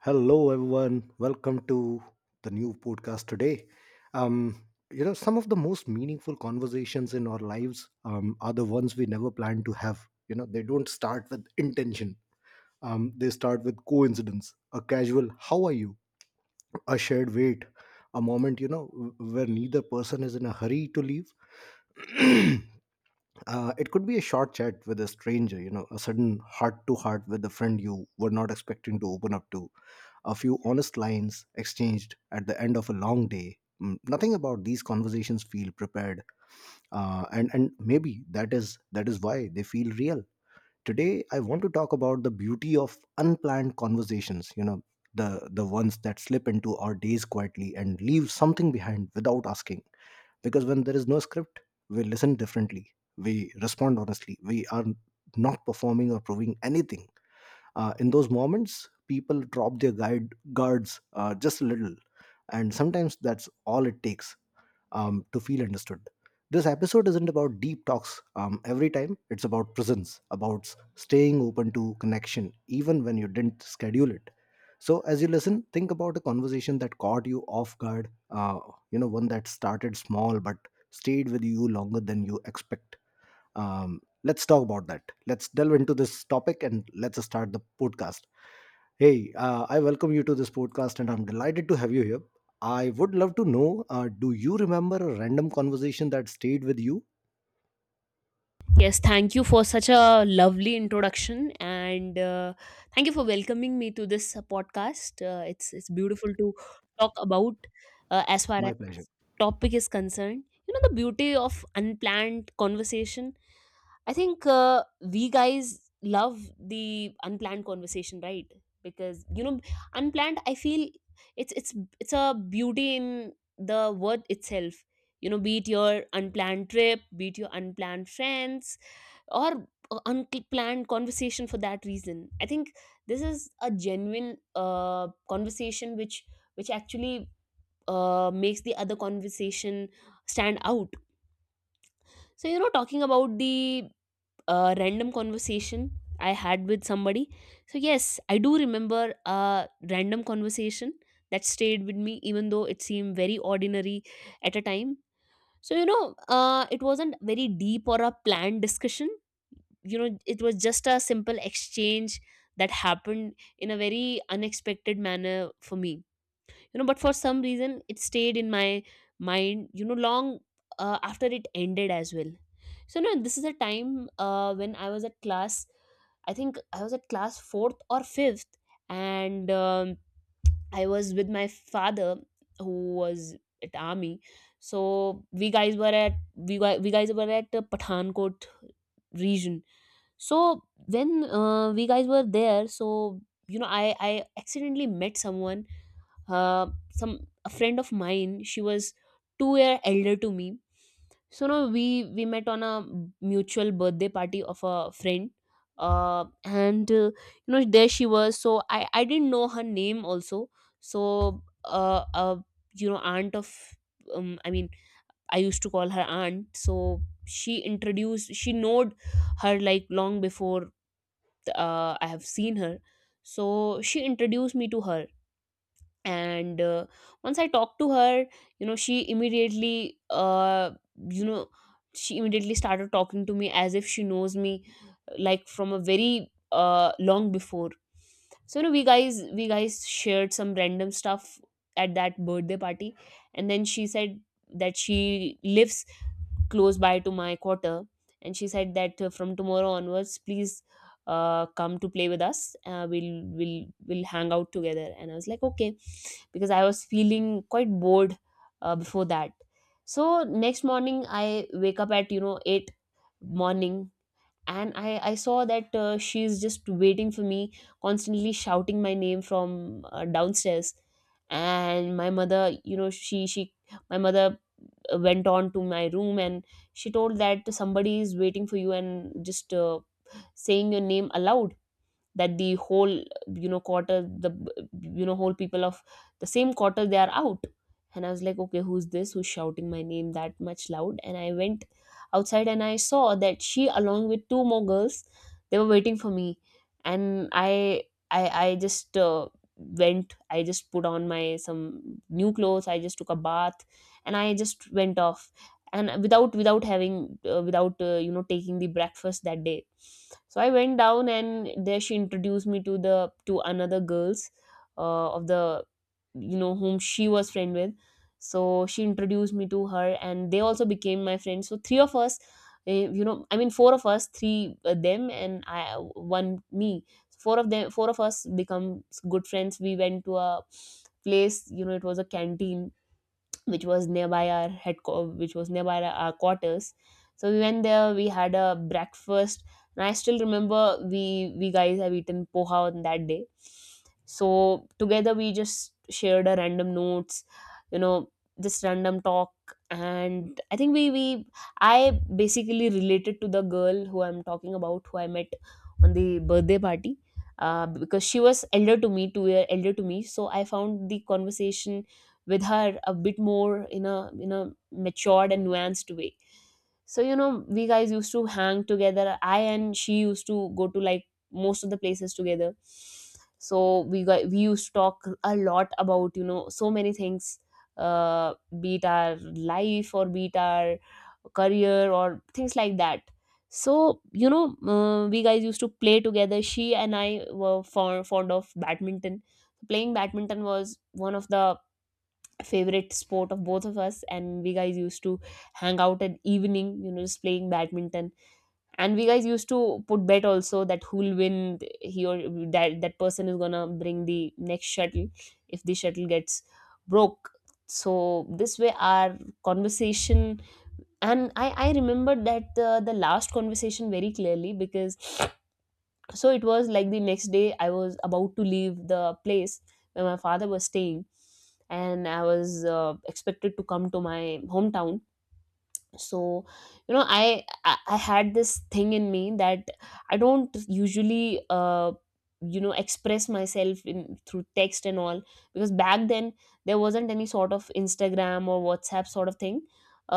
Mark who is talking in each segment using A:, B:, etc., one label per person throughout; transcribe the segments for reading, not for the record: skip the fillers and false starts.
A: Hello, everyone. Welcome to the new podcast today. Um, some of the most meaningful conversations in our lives are the ones we never plan to have. You know, they don't start with intention. They start with coincidence, a casual, how are you? A shared wait, a moment, you know, where neither person is in a hurry to leave. It could be a short chat with a stranger, you know, a sudden heart to heart with a friend you were not expecting to open up to, a few honest lines exchanged at the end of a long day. Nothing about these conversations feel prepared, and maybe that is why they feel real. Today, I want to talk about the beauty of unplanned conversations. You know, the ones that slip into our days quietly and leave something behind without asking. Because when there is no script, we listen differently, we respond honestly, we are not performing or proving anything. In those moments, people drop their guide guards just a little, and sometimes that's all it takes to feel understood. This episode isn't about deep talks every time. It's about presence, about staying open to connection, even when you didn't schedule it. So, as you listen, think about a conversation that caught you off guard. One that started small but stayed with you longer than you expect. Let's talk about that. Let's delve into this topic and let's start the podcast. Hey, I welcome you to this podcast and I'm delighted to have you here. I would love to know, do you remember a random conversation that stayed with you?
B: Yes, thank you for such a lovely introduction, and thank you for welcoming me to this podcast. It's beautiful to talk about as far
A: My
B: as
A: pleasure.
B: topic is concerned. You know, the beauty of unplanned conversation. I think we guys love the unplanned conversation, right? Because you know, unplanned. I feel it's it's a beauty in the word itself. You know, be it your unplanned trip, be it your unplanned friends, or a unplanned conversation for that reason. I think this is a genuine conversation which actually makes the other conversation stand out. So you know, talking about the a random conversation I had with somebody. So yes, I do remember a random conversation that stayed with me, even though it seemed very ordinary at a time. So it wasn't very deep or a planned discussion. You know, it was just a simple exchange that happened in a very unexpected manner for me, but for some reason it stayed in my mind, long after it ended as well. So no, this is a time when I was at class. I think I was at class 4th or 5th, and I was with my father who was at army. So we guys were at Pathankot region. So when we guys were there, so you know, I accidentally met someone, some a friend of mine. She was 2 year elder to me. So now we met on a mutual birthday party of a friend. And You know, there she was. So I didn't know her name also. So you know, aunt of I mean, I used to call her aunt. So she introduced, she knowed her like long before I have seen her. So she introduced me to her. And once I talked to her, you know, she immediately you know she immediately started talking to me as if she knows me, like from a very long before. So you know, we guys shared some random stuff at that birthday party. And then she said that she lives close by to my quarter. And she said that from tomorrow onwards, please come to play with us. We'll hang out together. And I was like, okay, because I was feeling quite bored before that. So next morning I wake up at, you know, 8 morning, and I saw that she's just waiting for me, constantly shouting my name from downstairs. And my mother, you know, she my mother went on to my room, and she told that somebody is waiting for you and just saying your name aloud, that the whole, you know, quarter, the, you know, whole people of the same quarter, they are out. And I was like, okay, who's this, who's shouting my name that much loud? And I went outside and I saw that she, along with two more girls, they were waiting for me. And I just went. I just put on my some new clothes, I just took a bath, and I just went off, and without without having without you know, taking the breakfast that day. So I went down, and there she introduced me to the, to another girls of the, you know, whom she was friend with. So she introduced me to her, and they also became my friends. So three of us, uh, you know, I mean, four of us, three them and I, one me. So, four of us become good friends. We went to a place, you know, it was a canteen which was nearby our which was nearby our quarters. So we went there, we had a breakfast, and I still remember we guys have eaten poha on that day. So together we just shared our random notes, you know, just random talk. And I think we I basically related to the girl who I'm talking about, who I met on the birthday party, because she was elder to me, 2 year elder to me. So I found the conversation with her a bit more in a matured and nuanced way. So you know, we guys used to hang together, I and she used to go to like most of the places together. So we used to talk a lot about, you know, so many things, uh be it our life or be it our career or things like that. So you know, we guys used to play together. She and I were fond of badminton. Playing badminton was one of the favorite sport of both of us, and we guys used to hang out at evening, you know, just playing badminton. And we guys used to put bet also that who'll win, he or that person is gonna bring the next shuttle if the shuttle gets broke. So this way our conversation. And I remembered that the last conversation very clearly. Because so it was like the next day I was about to leave the place where my father was staying, and I was expected to come to my hometown. So you know, I had this thing in me that I don't usually you know, express myself in through text and all, because back then there wasn't any sort of Instagram or WhatsApp sort of thing.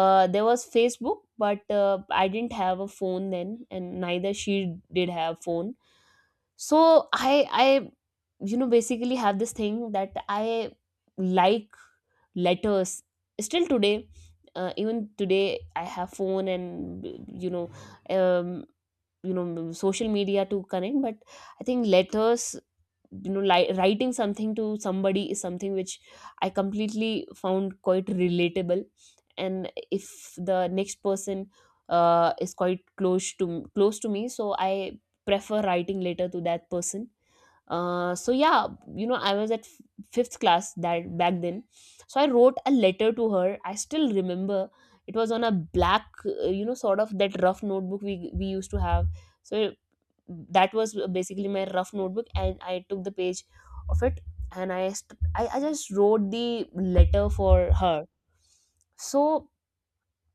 B: There was Facebook, but I didn't have a phone then, and neither she did have phone. So I you know, basically have this thing that I like letters still today. Even today I have phone and you know, um, you know, social media to connect. But I think letters, you know, writing something to somebody is something which I completely found quite relatable. And if the next person is quite close to close to me, so I prefer writing letter to that person. So yeah, you know, I was at fifth class that back then. So I wrote a letter to her. I still remember it was on a black, you know, sort of that rough notebook we used to have. So that was basically my rough notebook, and I took the page of it, and I just wrote the letter for her. So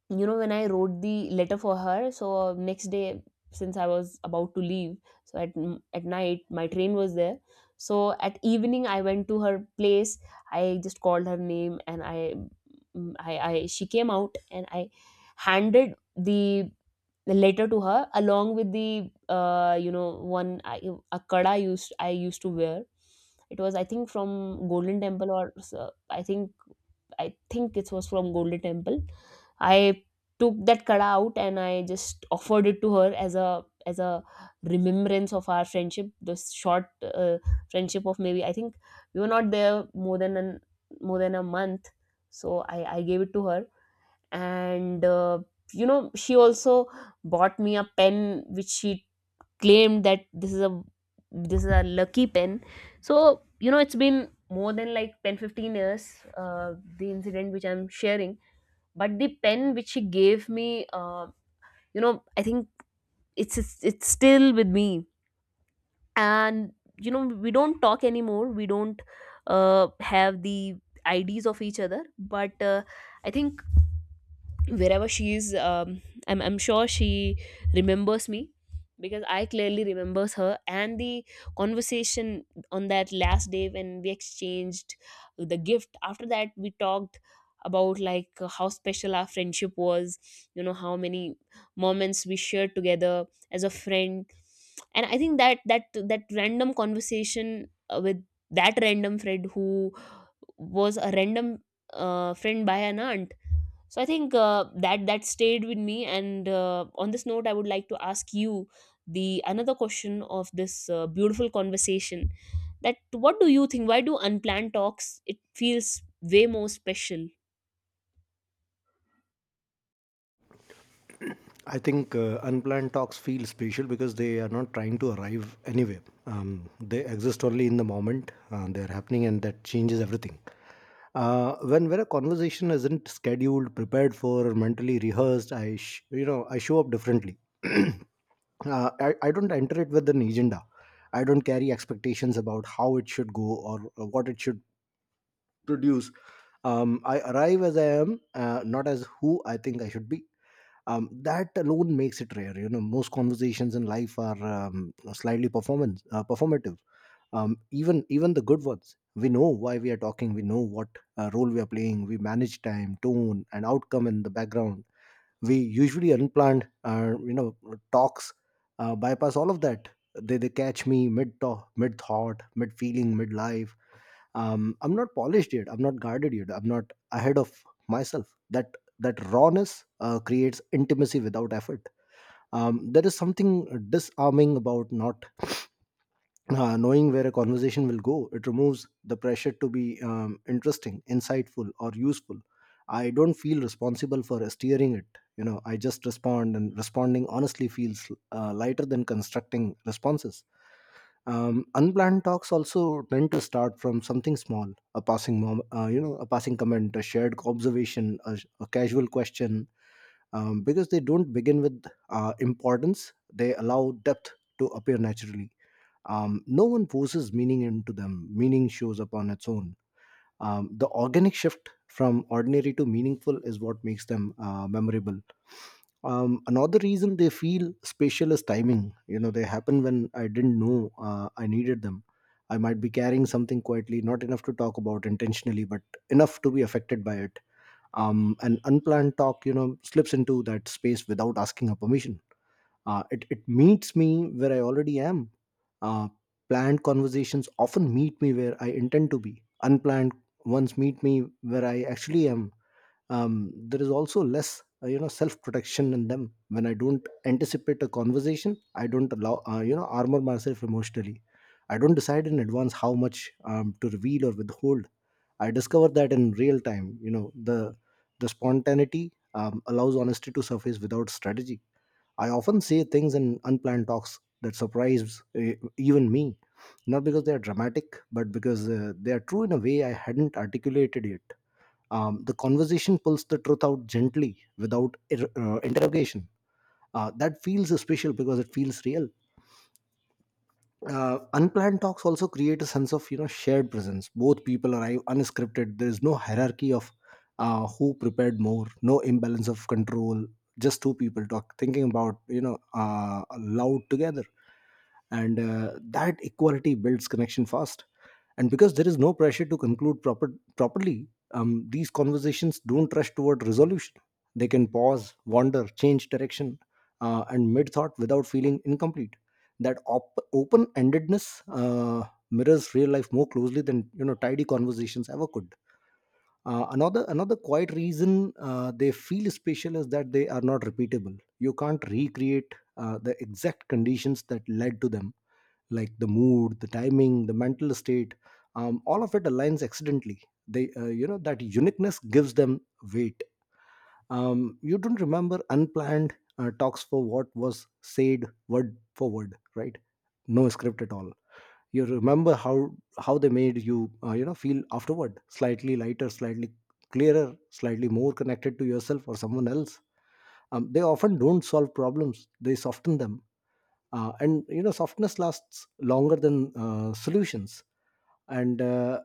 B: you know, when I wrote the letter for her, so next day, since I was about to leave, so at night my train was there. So at evening I went to her place, I just called her name, and I, she came out, and I handed the letter to her, along with the, you know, a kada used I used to wear. It was I think from Golden Temple or i think I think it was from Golden Temple. I took that kada out and I just offered it to her as a remembrance of our friendship, this short friendship of maybe, I think, we were not there more than a month. So I gave it to her. And. You know, she also bought me a pen which she claimed that this is a lucky pen. So you know, it's been more than like 10, 15 years, the incident which I'm sharing. But the pen which she gave me, you know, I think it's still with me. And you know, we don't talk anymore. We don't have the IDs of each other. But I think wherever she is, I'm sure she remembers me, because I clearly remembers her and the conversation on that last day when we exchanged the gift. After that we talked about, like, how special our friendship was, you know, how many moments we shared together as a friend. And I think that random conversation with that random friend who was a random friend by an aunt. So I think that that stayed with me. And on this note, I would like to ask you the another question of this beautiful conversation, that what do you think, why do unplanned talks, it feels way more special?
A: I think unplanned talks feel special because they are not trying to arrive anywhere. They exist only in the moment. They are happening, and that changes everything. When a conversation isn't scheduled, prepared for, or mentally rehearsed, I sh- you know I show up differently. uh, I don't enter it with an agenda. I don't carry expectations about how it should go or what it should produce. I arrive as I am, not as who I think I should be. Um, that alone makes it rare. You know, most conversations in life are, slightly performance performative. Even the good ones, we know why we are talking, we know what role we are playing, we manage time, tone and outcome in the background. We usually unplanned, talks bypass all of that. They catch me mid talk, mid thought, mid feeling, mid life. I'm not polished yet, I'm not guarded yet, I'm not ahead of myself. That rawness creates intimacy without effort. Um, there is something disarming about not knowing where a conversation will go. It removes the pressure to be interesting, insightful or useful. I don't feel responsible for steering it. You know, I just respond, and responding honestly feels lighter than constructing responses. Um, unplanned talks also tend to start from something small, a passing mom you know, a passing comment, a shared observation, a casual question. Um, because they don't begin with importance, they allow depth to appear naturally. Um, no one forces meaning into them; meaning shows up on its own. Um, the organic shift from ordinary to meaningful is what makes them memorable. Another reason they feel spatial is timing. You know, they happen when I didn't know I needed them. I might be carrying something quietly, not enough to talk about intentionally, but enough to be affected by it. An unplanned talk, you know, slips into that space without asking her permission. It meets me where I already am. Uh, planned conversations often meet me where I intend to be. Unplanned ones meet me where I actually am. There is also less, you know, self-protection in them. When I don't anticipate a conversation, I don't allow, you know, armor myself emotionally. I don't decide in advance how much to reveal or withhold. I discover that in real time. The spontaneity allows honesty to surface without strategy. I often say things in unplanned talks that surprise even me, not because they are dramatic, but because they are true in a way I hadn't articulated yet. The conversation pulls the truth out gently without interrogation. That feels special because it feels real. Unplanned talks also create a sense of, you know, shared presence. Both people arrive unscripted. There is no hierarchy of who prepared more, no imbalance of control, just two people talk, thinking about, you know, loud together, and that equality builds connection fast. And because there is no pressure to conclude properly, these conversations don't rush toward resolution. They can pause, wander, change direction and mid thought without feeling incomplete. That open-endedness mirrors real life more closely than, you know, tidy conversations ever could. Another quiet reason they feel special is that they are not repeatable. You can't recreate the exact conditions that led to them, like the mood, the timing, the mental state. Um, all of it aligns accidentally. They uh, you know that uniqueness gives them weight. Um, you don't remember unplanned talks for what was said word for word, right? No script at all. You remember how they made you, you know feel afterward, slightly lighter, slightly clearer, slightly more connected to yourself or someone else. Um, they often don't solve problems, they soften them, and, you know, softness lasts longer than solutions. And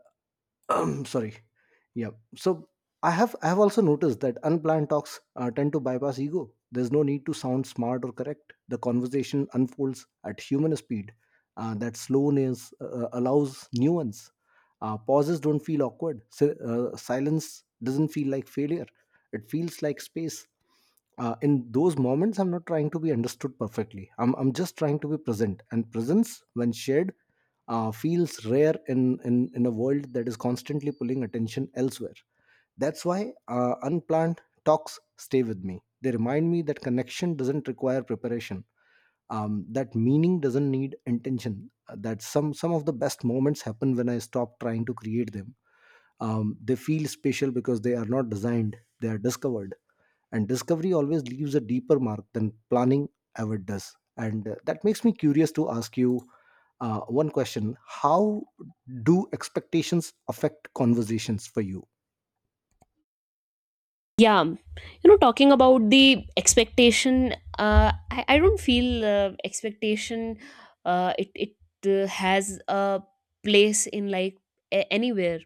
A: sorry. Yeah, so I have also noticed that unplanned talks tend to bypass ego. There's no need to sound smart or correct. The conversation unfolds at human speed. That slowness allows nuance. Pauses don't feel awkward. Si- silence doesn't feel like failure, it feels like space. Uh, in those moments I'm not trying to be understood perfectly, I'm just trying to be present, and presence, when shared, feels rare in a world that is constantly pulling attention elsewhere. That's why unplanned talks stay with me. They remind me that connection doesn't require preparation, that meaning doesn't need intention, that some of the best moments happen when I stop trying to create them. Um, they feel special because they are not designed, they are discovered, and discovery always leaves a deeper mark than planning ever does. And that makes me curious to ask you one question. How do expectations affect conversations for you?
B: Yeah, you know, talking about the expectation, I don't feel expectation. It has a place in like anywhere,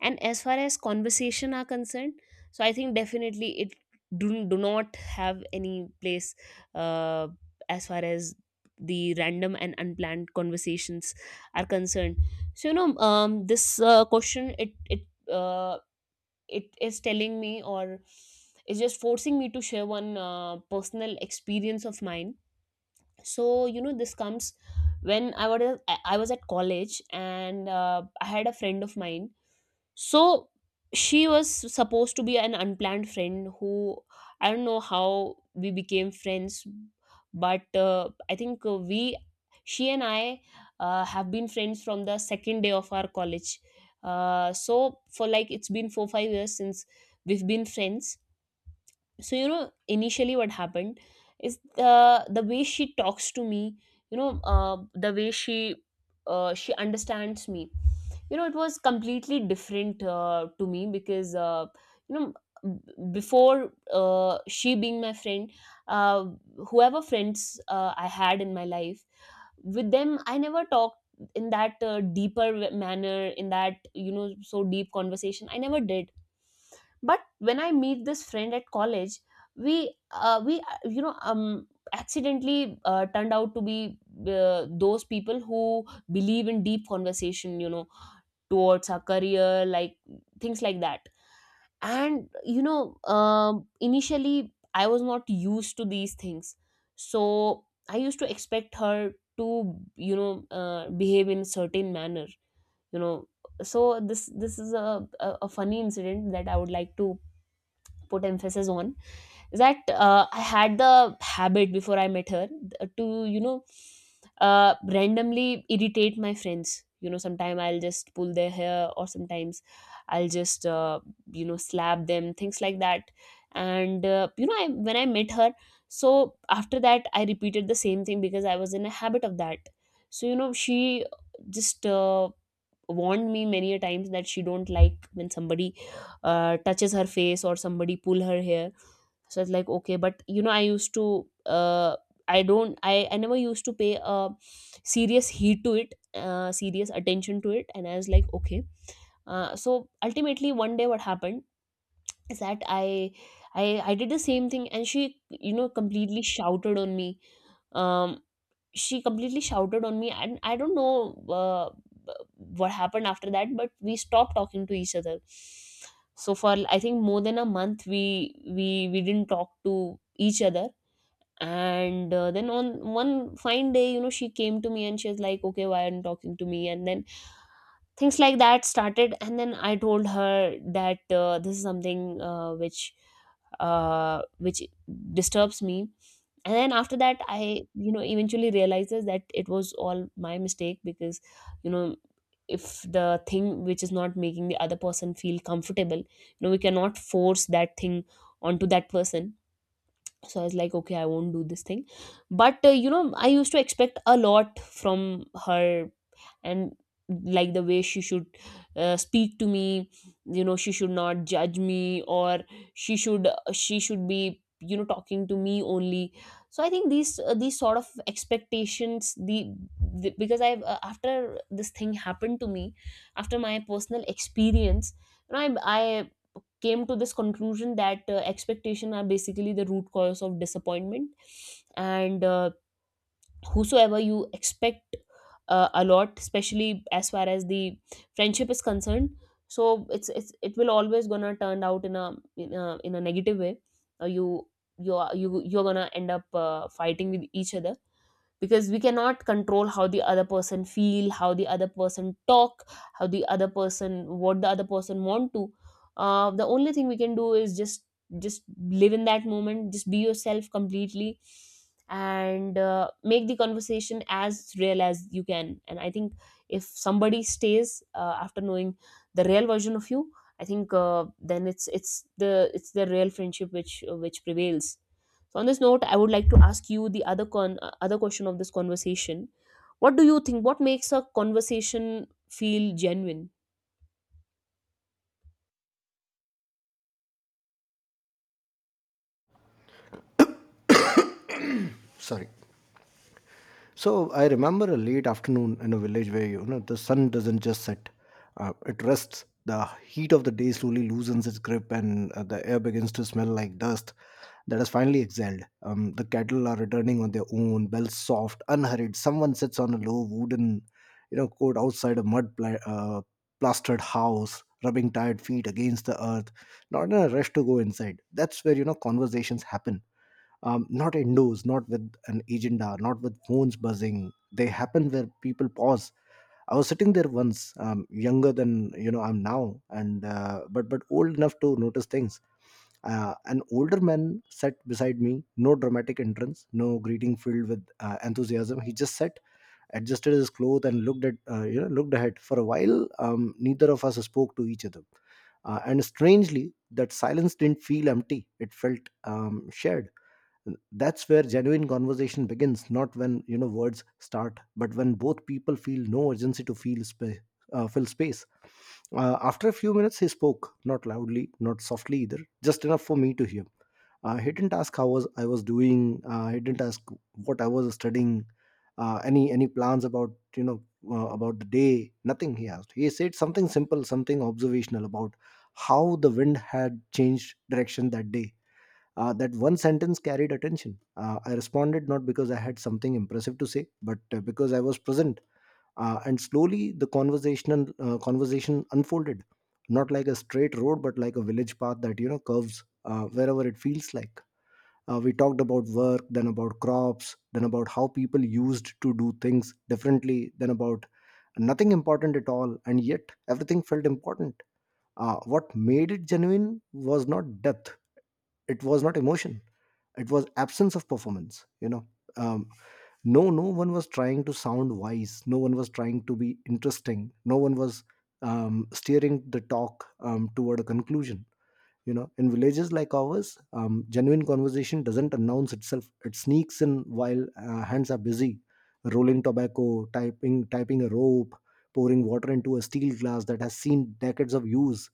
B: and as far as conversation are concerned, so I think definitely it do not have any place. Uh, as far as the random and unplanned conversations are concerned, so you know, this question it. Uh, it is telling me, or is just forcing me to share one personal experience of mine. So you know, this comes when I was at college, and I had a friend of mine. So she was supposed to be an unplanned friend who, I don't know how we became friends, but I think we she and I have been friends from the second day of our college. So for like, it's been 4 or 5 years since we've been friends. So you know, initially what happened is, the way she talks to me, you know, the way she understands me, you know, it was completely different to me, because you know, before she being my friend, uh, whoever friends I had in my life, with them I never talked in that deeper manner. In that, you know, so deep conversation I never did. But when I meet this friend at college, we we accidentally turned out to be those people who believe in deep conversation, you know, towards our career, like things like that. And you know, initially I was not used to these things, so I used to expect her to, you know, behave in certain manner, you know. So this is a funny incident that I would like to put emphasis on. That I had the habit before I met her, to, you know, randomly irritate my friends. You know, sometimes I'll just pull their hair, or sometimes I'll just, you know, slap them, things like that. And you know, when I met her, so after that I repeated the same thing because I was in a habit of that. So you know, she just warned me many a times that she don't like when somebody touches her face or somebody pull her hair. So it's like okay, but you know, I used to I don't I never used to pay a serious heed to it, serious attention to it, and I was like okay. So ultimately, one day what happened is that I did the same thing and she, you know, completely shouted on me. um she completely shouted on me, and I don't know uh, what happened after that, but we stopped talking to each other. So for, I think, more than a month, we didn't talk to each other. And then, on one fine day, you know, she came to me and she was like, okay, why aren't you talking to me, and then things like that started. And then I told her that this is something which disturbs me. And then after that I, you know, eventually realizes that it was all my mistake, because you know, if the thing which is not making the other person feel comfortable, you know, we cannot force that thing onto that person. So I was like okay, I won't do this thing. But you know, I used to expect a lot from her, and like the way she should speak to me, you know, she should not judge me, or she should be, you know, talking to me only. So I think these sort of expectations, the because I, after this thing happened to me, after my personal experience, you know, I came to this conclusion that expectation are basically the root cause of disappointment. And whosoever you expect a lot, especially as far as the friendship is concerned, so it's it will always gonna turn out in a, in a negative way. Uh, you you are you you're gonna end up fighting with each other, because we cannot control how the other person feel, how the other person talk, how the other person, what the other person want to. The only thing we can do is just live in that moment, just be yourself completely, and make the conversation as real as you can. And I think if somebody stays after knowing the real version of you, I think then it's the real friendship which prevails. So on this note, I would like to ask you the other con other question of this conversation. What do you think? What makes a conversation feel genuine?
A: Sorry. So I remember a late afternoon in a village where, you know, the sun doesn't just set; it rests. The heat of the day slowly loosens its grip, and the air begins to smell like dust that has finally exhaled. The cattle are returning on their own, bells soft, unhurried. Someone sits on a low wooden, you know, court outside a plastered house, rubbing tired feet against the earth, not in a rush to go inside. That's where, you know, conversations happen, not indoors, not with an agenda, not with phones buzzing. They happen where people pause. I was sitting there once, younger than, you know, I'm now, and but old enough to notice things. An older man sat beside me, no dramatic entrance, no greeting filled with enthusiasm. He just sat, adjusted his clothes, and looked at, looked ahead for a while. Neither of us spoke to each other, and strangely, that silence didn't feel empty. It felt, shared. That's where genuine conversation begins, not when, you know, words start, but when both people feel no urgency to fill space. Uh, after a few minutes he spoke, not loudly, not softly either, just enough for me to hear. He didn't ask how was I was doing, he didn't ask what I was studying, any plans about, you know about the day. Nothing he asked. He said something simple, something observational about how the wind had changed direction that day. Uh, that one sentence carried attention. I responded not because I had something impressive to say, but because I was present. And slowly the conversational conversation unfolded, not like a straight road, but like a village path that, you know, curves wherever it feels like. We talked about work, then about crops, then about how people used to do things differently, then about nothing important at all, and yet everything felt important. What made it genuine was not depth; it was not emotion, it was absence of performance um, no one was trying to sound wise, no one was trying to be interesting, no one was steering the talk toward a conclusion. You know, in villages like ours, genuine conversation doesn't announce itself, it sneaks in while hands are busy rolling tobacco, typing a rope, pouring water into a steel glass that has seen decades of use.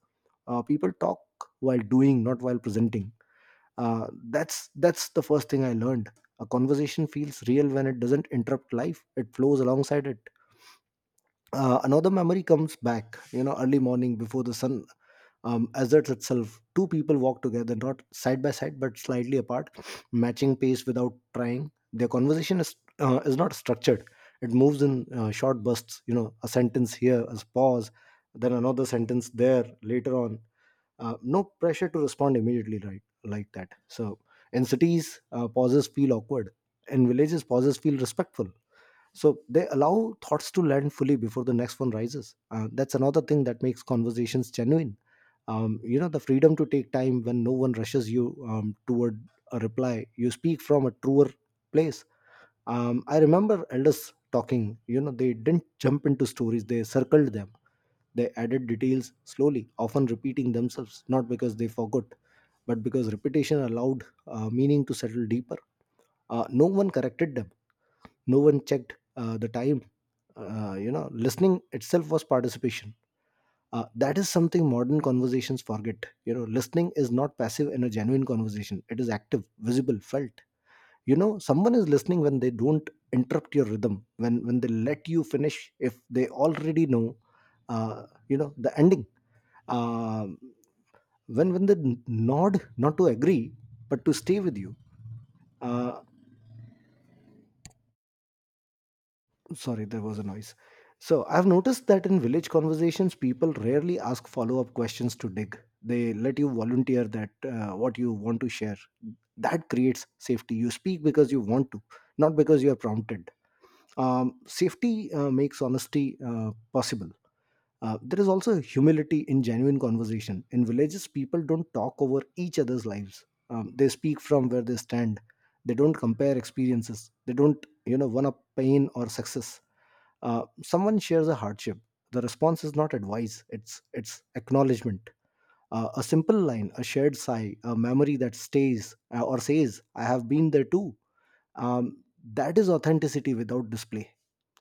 A: People talk while doing, not while presenting. That's the first thing I learned: a conversation feels real when it doesn't interrupt life, it flows alongside it. Another memory comes back, you know, early morning before the sun asserts itself, two people walk together, not side by side but slightly apart, matching pace without trying. Their conversation is not structured, it moves in short bursts, you know, a sentence here, a pause, then another sentence there later on. No pressure to respond immediately, right, like that. So in cities, pauses feel awkward, in villages pauses feel respectful, so they allow thoughts to land fully before the next one rises. That's another thing that makes conversations genuine, you know, the freedom to take time. When no one rushes you toward a reply, you speak from a truer place. I remember elders talking, you know, they didn't jump into stories, they circled them, they added details slowly, often repeating themselves, not because they forgot, but because repetition allowed meaning to settle deeper. No one corrected them, no one checked the time. You know, listening itself was participation. That is something modern conversations forget. You know, listening is not passive in a genuine conversation, it is active, visible, felt. You know, someone is listening when they don't interrupt your rhythm, when they let you finish, if they already know, you know, the ending, um, when they nod, not to agree but to stay with you. uh, Sorry, there was a noise. So I've noticed that in village conversations people rarely ask follow-up questions to dig, they let you volunteer that what you want to share. That creates safety, you speak because you want to, not because you are prompted. Safety makes honesty possible. There is also humility in genuine conversation. In villages, people don't talk over each other's lives. They speak from where they stand. They don't compare experiences. They don't, you know, one up pain or success. Someone shares a hardship. The response is not advice. It's acknowledgement. A simple line, a shared sigh, a memory that stays, or says, "I have been there too." Um, that is authenticity without display.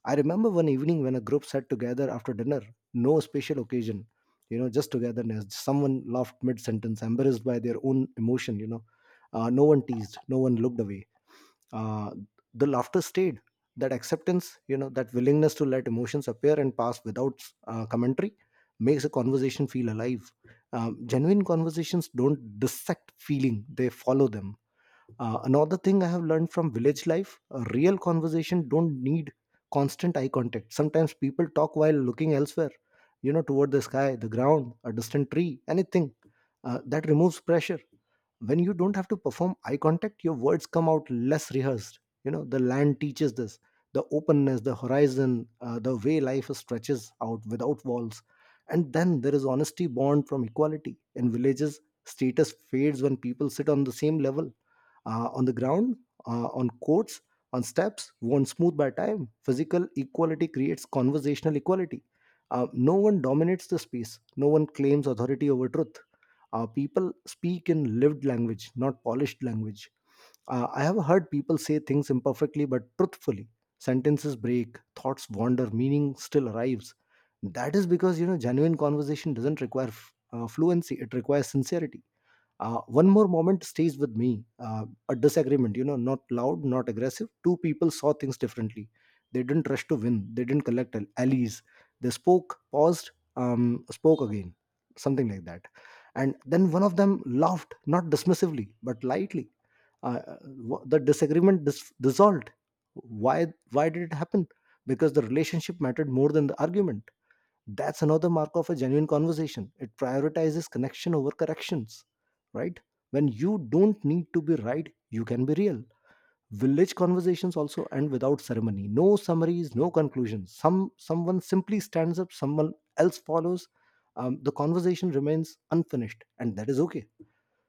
A: I remember one evening when a group sat together after dinner, no special occasion, you know, just togetherness. Someone laughed mid sentence, embarrassed by their own emotion, you know. No one teased, no one looked away. Uh, the laughter stayed. That acceptance, you know, that willingness to let emotions appear and pass without commentary makes a conversation feel alive. Genuine conversations don't dissect feeling, they follow them. Another thing I have learned from village life: a real conversation don't need constant eye contact. Sometimes people talk while looking elsewhere, you know, toward the sky, the ground, a distant tree, anything. That removes pressure. When you don't have to perform eye contact, your words come out less rehearsed. You know, the land teaches this, the openness, the horizon, the way life stretches out without walls. And then there is honesty born from equality. In villages, status fades when people sit on the same level, on the ground, on courts, on steps, worn smooth by time. Physical equality creates conversational equality. No one dominates the space, no one claims authority over truth. People speak in lived language, not polished language. I have heard people say things imperfectly but truthfully. Sentences break, thoughts wander, meaning still arrives. That is because, you know, genuine conversation doesn't require fluency; it requires sincerity. One more moment stays with me, a disagreement, you know, not loud, not aggressive. Two people saw things differently, they didn't rush to win, they didn't collect allies, they spoke, paused, spoke again, something like that, and then one of them laughed, not dismissively but lightly. uh, uh, the disagreement dissolved. Why did it happen? Because the relationship mattered more than the argument. That's another mark of a genuine conversation. It prioritizes connection over corrections, right? When you don't need to be right, you can be real. Village conversations also end without ceremony. No summaries, no conclusions. Someone simply stands up, someone else follows. The conversation remains unfinished, and that is okay.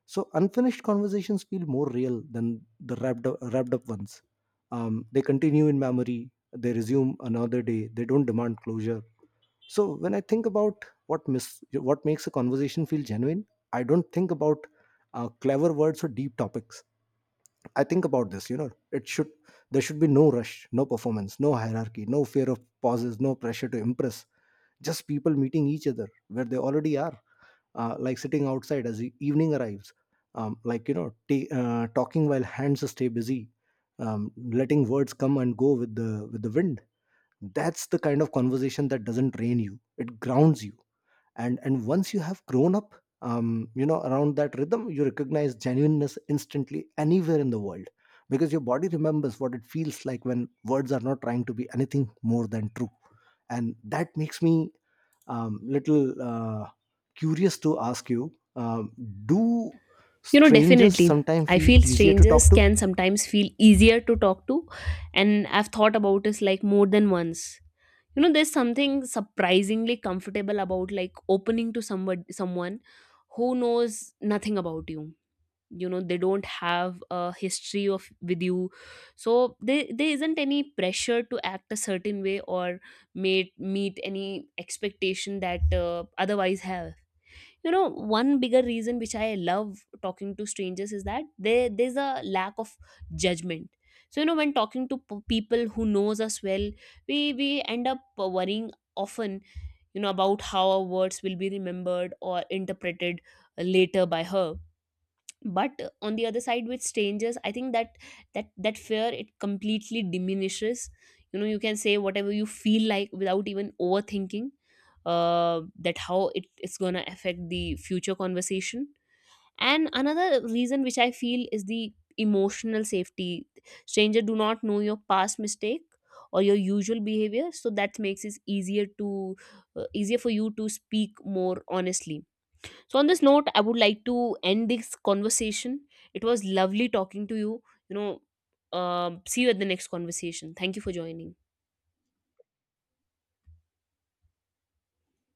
A: So unfinished conversations feel more real than the wrapped up ones. They continue in memory. They resume another day. They don't demand closure. So when I think about what makes a conversation feel genuine, I don't think about clever words or deep topics, I think about this, you know, it should there should be no rush, no performance, no hierarchy, no fear of pauses, no pressure to impress, just people meeting each other where they already are, like sitting outside as the evening arrives, like, you know, talking while hands stay busy, letting words come and go with the wind. That's the kind of conversation that doesn't drain you, it grounds you. And once you have grown up, you know, around that rhythm, you recognize genuineness instantly anywhere in the world, because your body remembers what it feels like when words are not trying to be anything more than true. And that makes me little curious to ask you, do
B: You know,
A: strangers
B: definitely.
A: sometimes
B: I
A: feel
B: feel
A: easier to talk
B: strangers
A: to?
B: can sometimes feel easier to talk to, and I've thought about this like more than once. You know, there's something surprisingly comfortable about like opening to somebody, someone who knows nothing about you. You know, they don't have a history of with you, so there isn't any pressure to act a certain way or meet any expectation that otherwise have. You know, one bigger reason which I love talking to strangers is that there's a lack of judgment. So you know, when talking to people who knows us well, we end up worrying often, you know, about how our words will be remembered or interpreted later by her. But on the other side, with strangers, I think that that fear, it completely diminishes. You know, you can say whatever you feel like without even overthinking that how it is going to affect the future conversation. And another reason which I feel is the emotional safety. Stranger do not know your past mistake or your usual behavior, so that makes it easier to, easier for you to speak more honestly. So, on this note, I would like to end this conversation. It was lovely talking to you. You know, see you at the next conversation. Thank you for joining.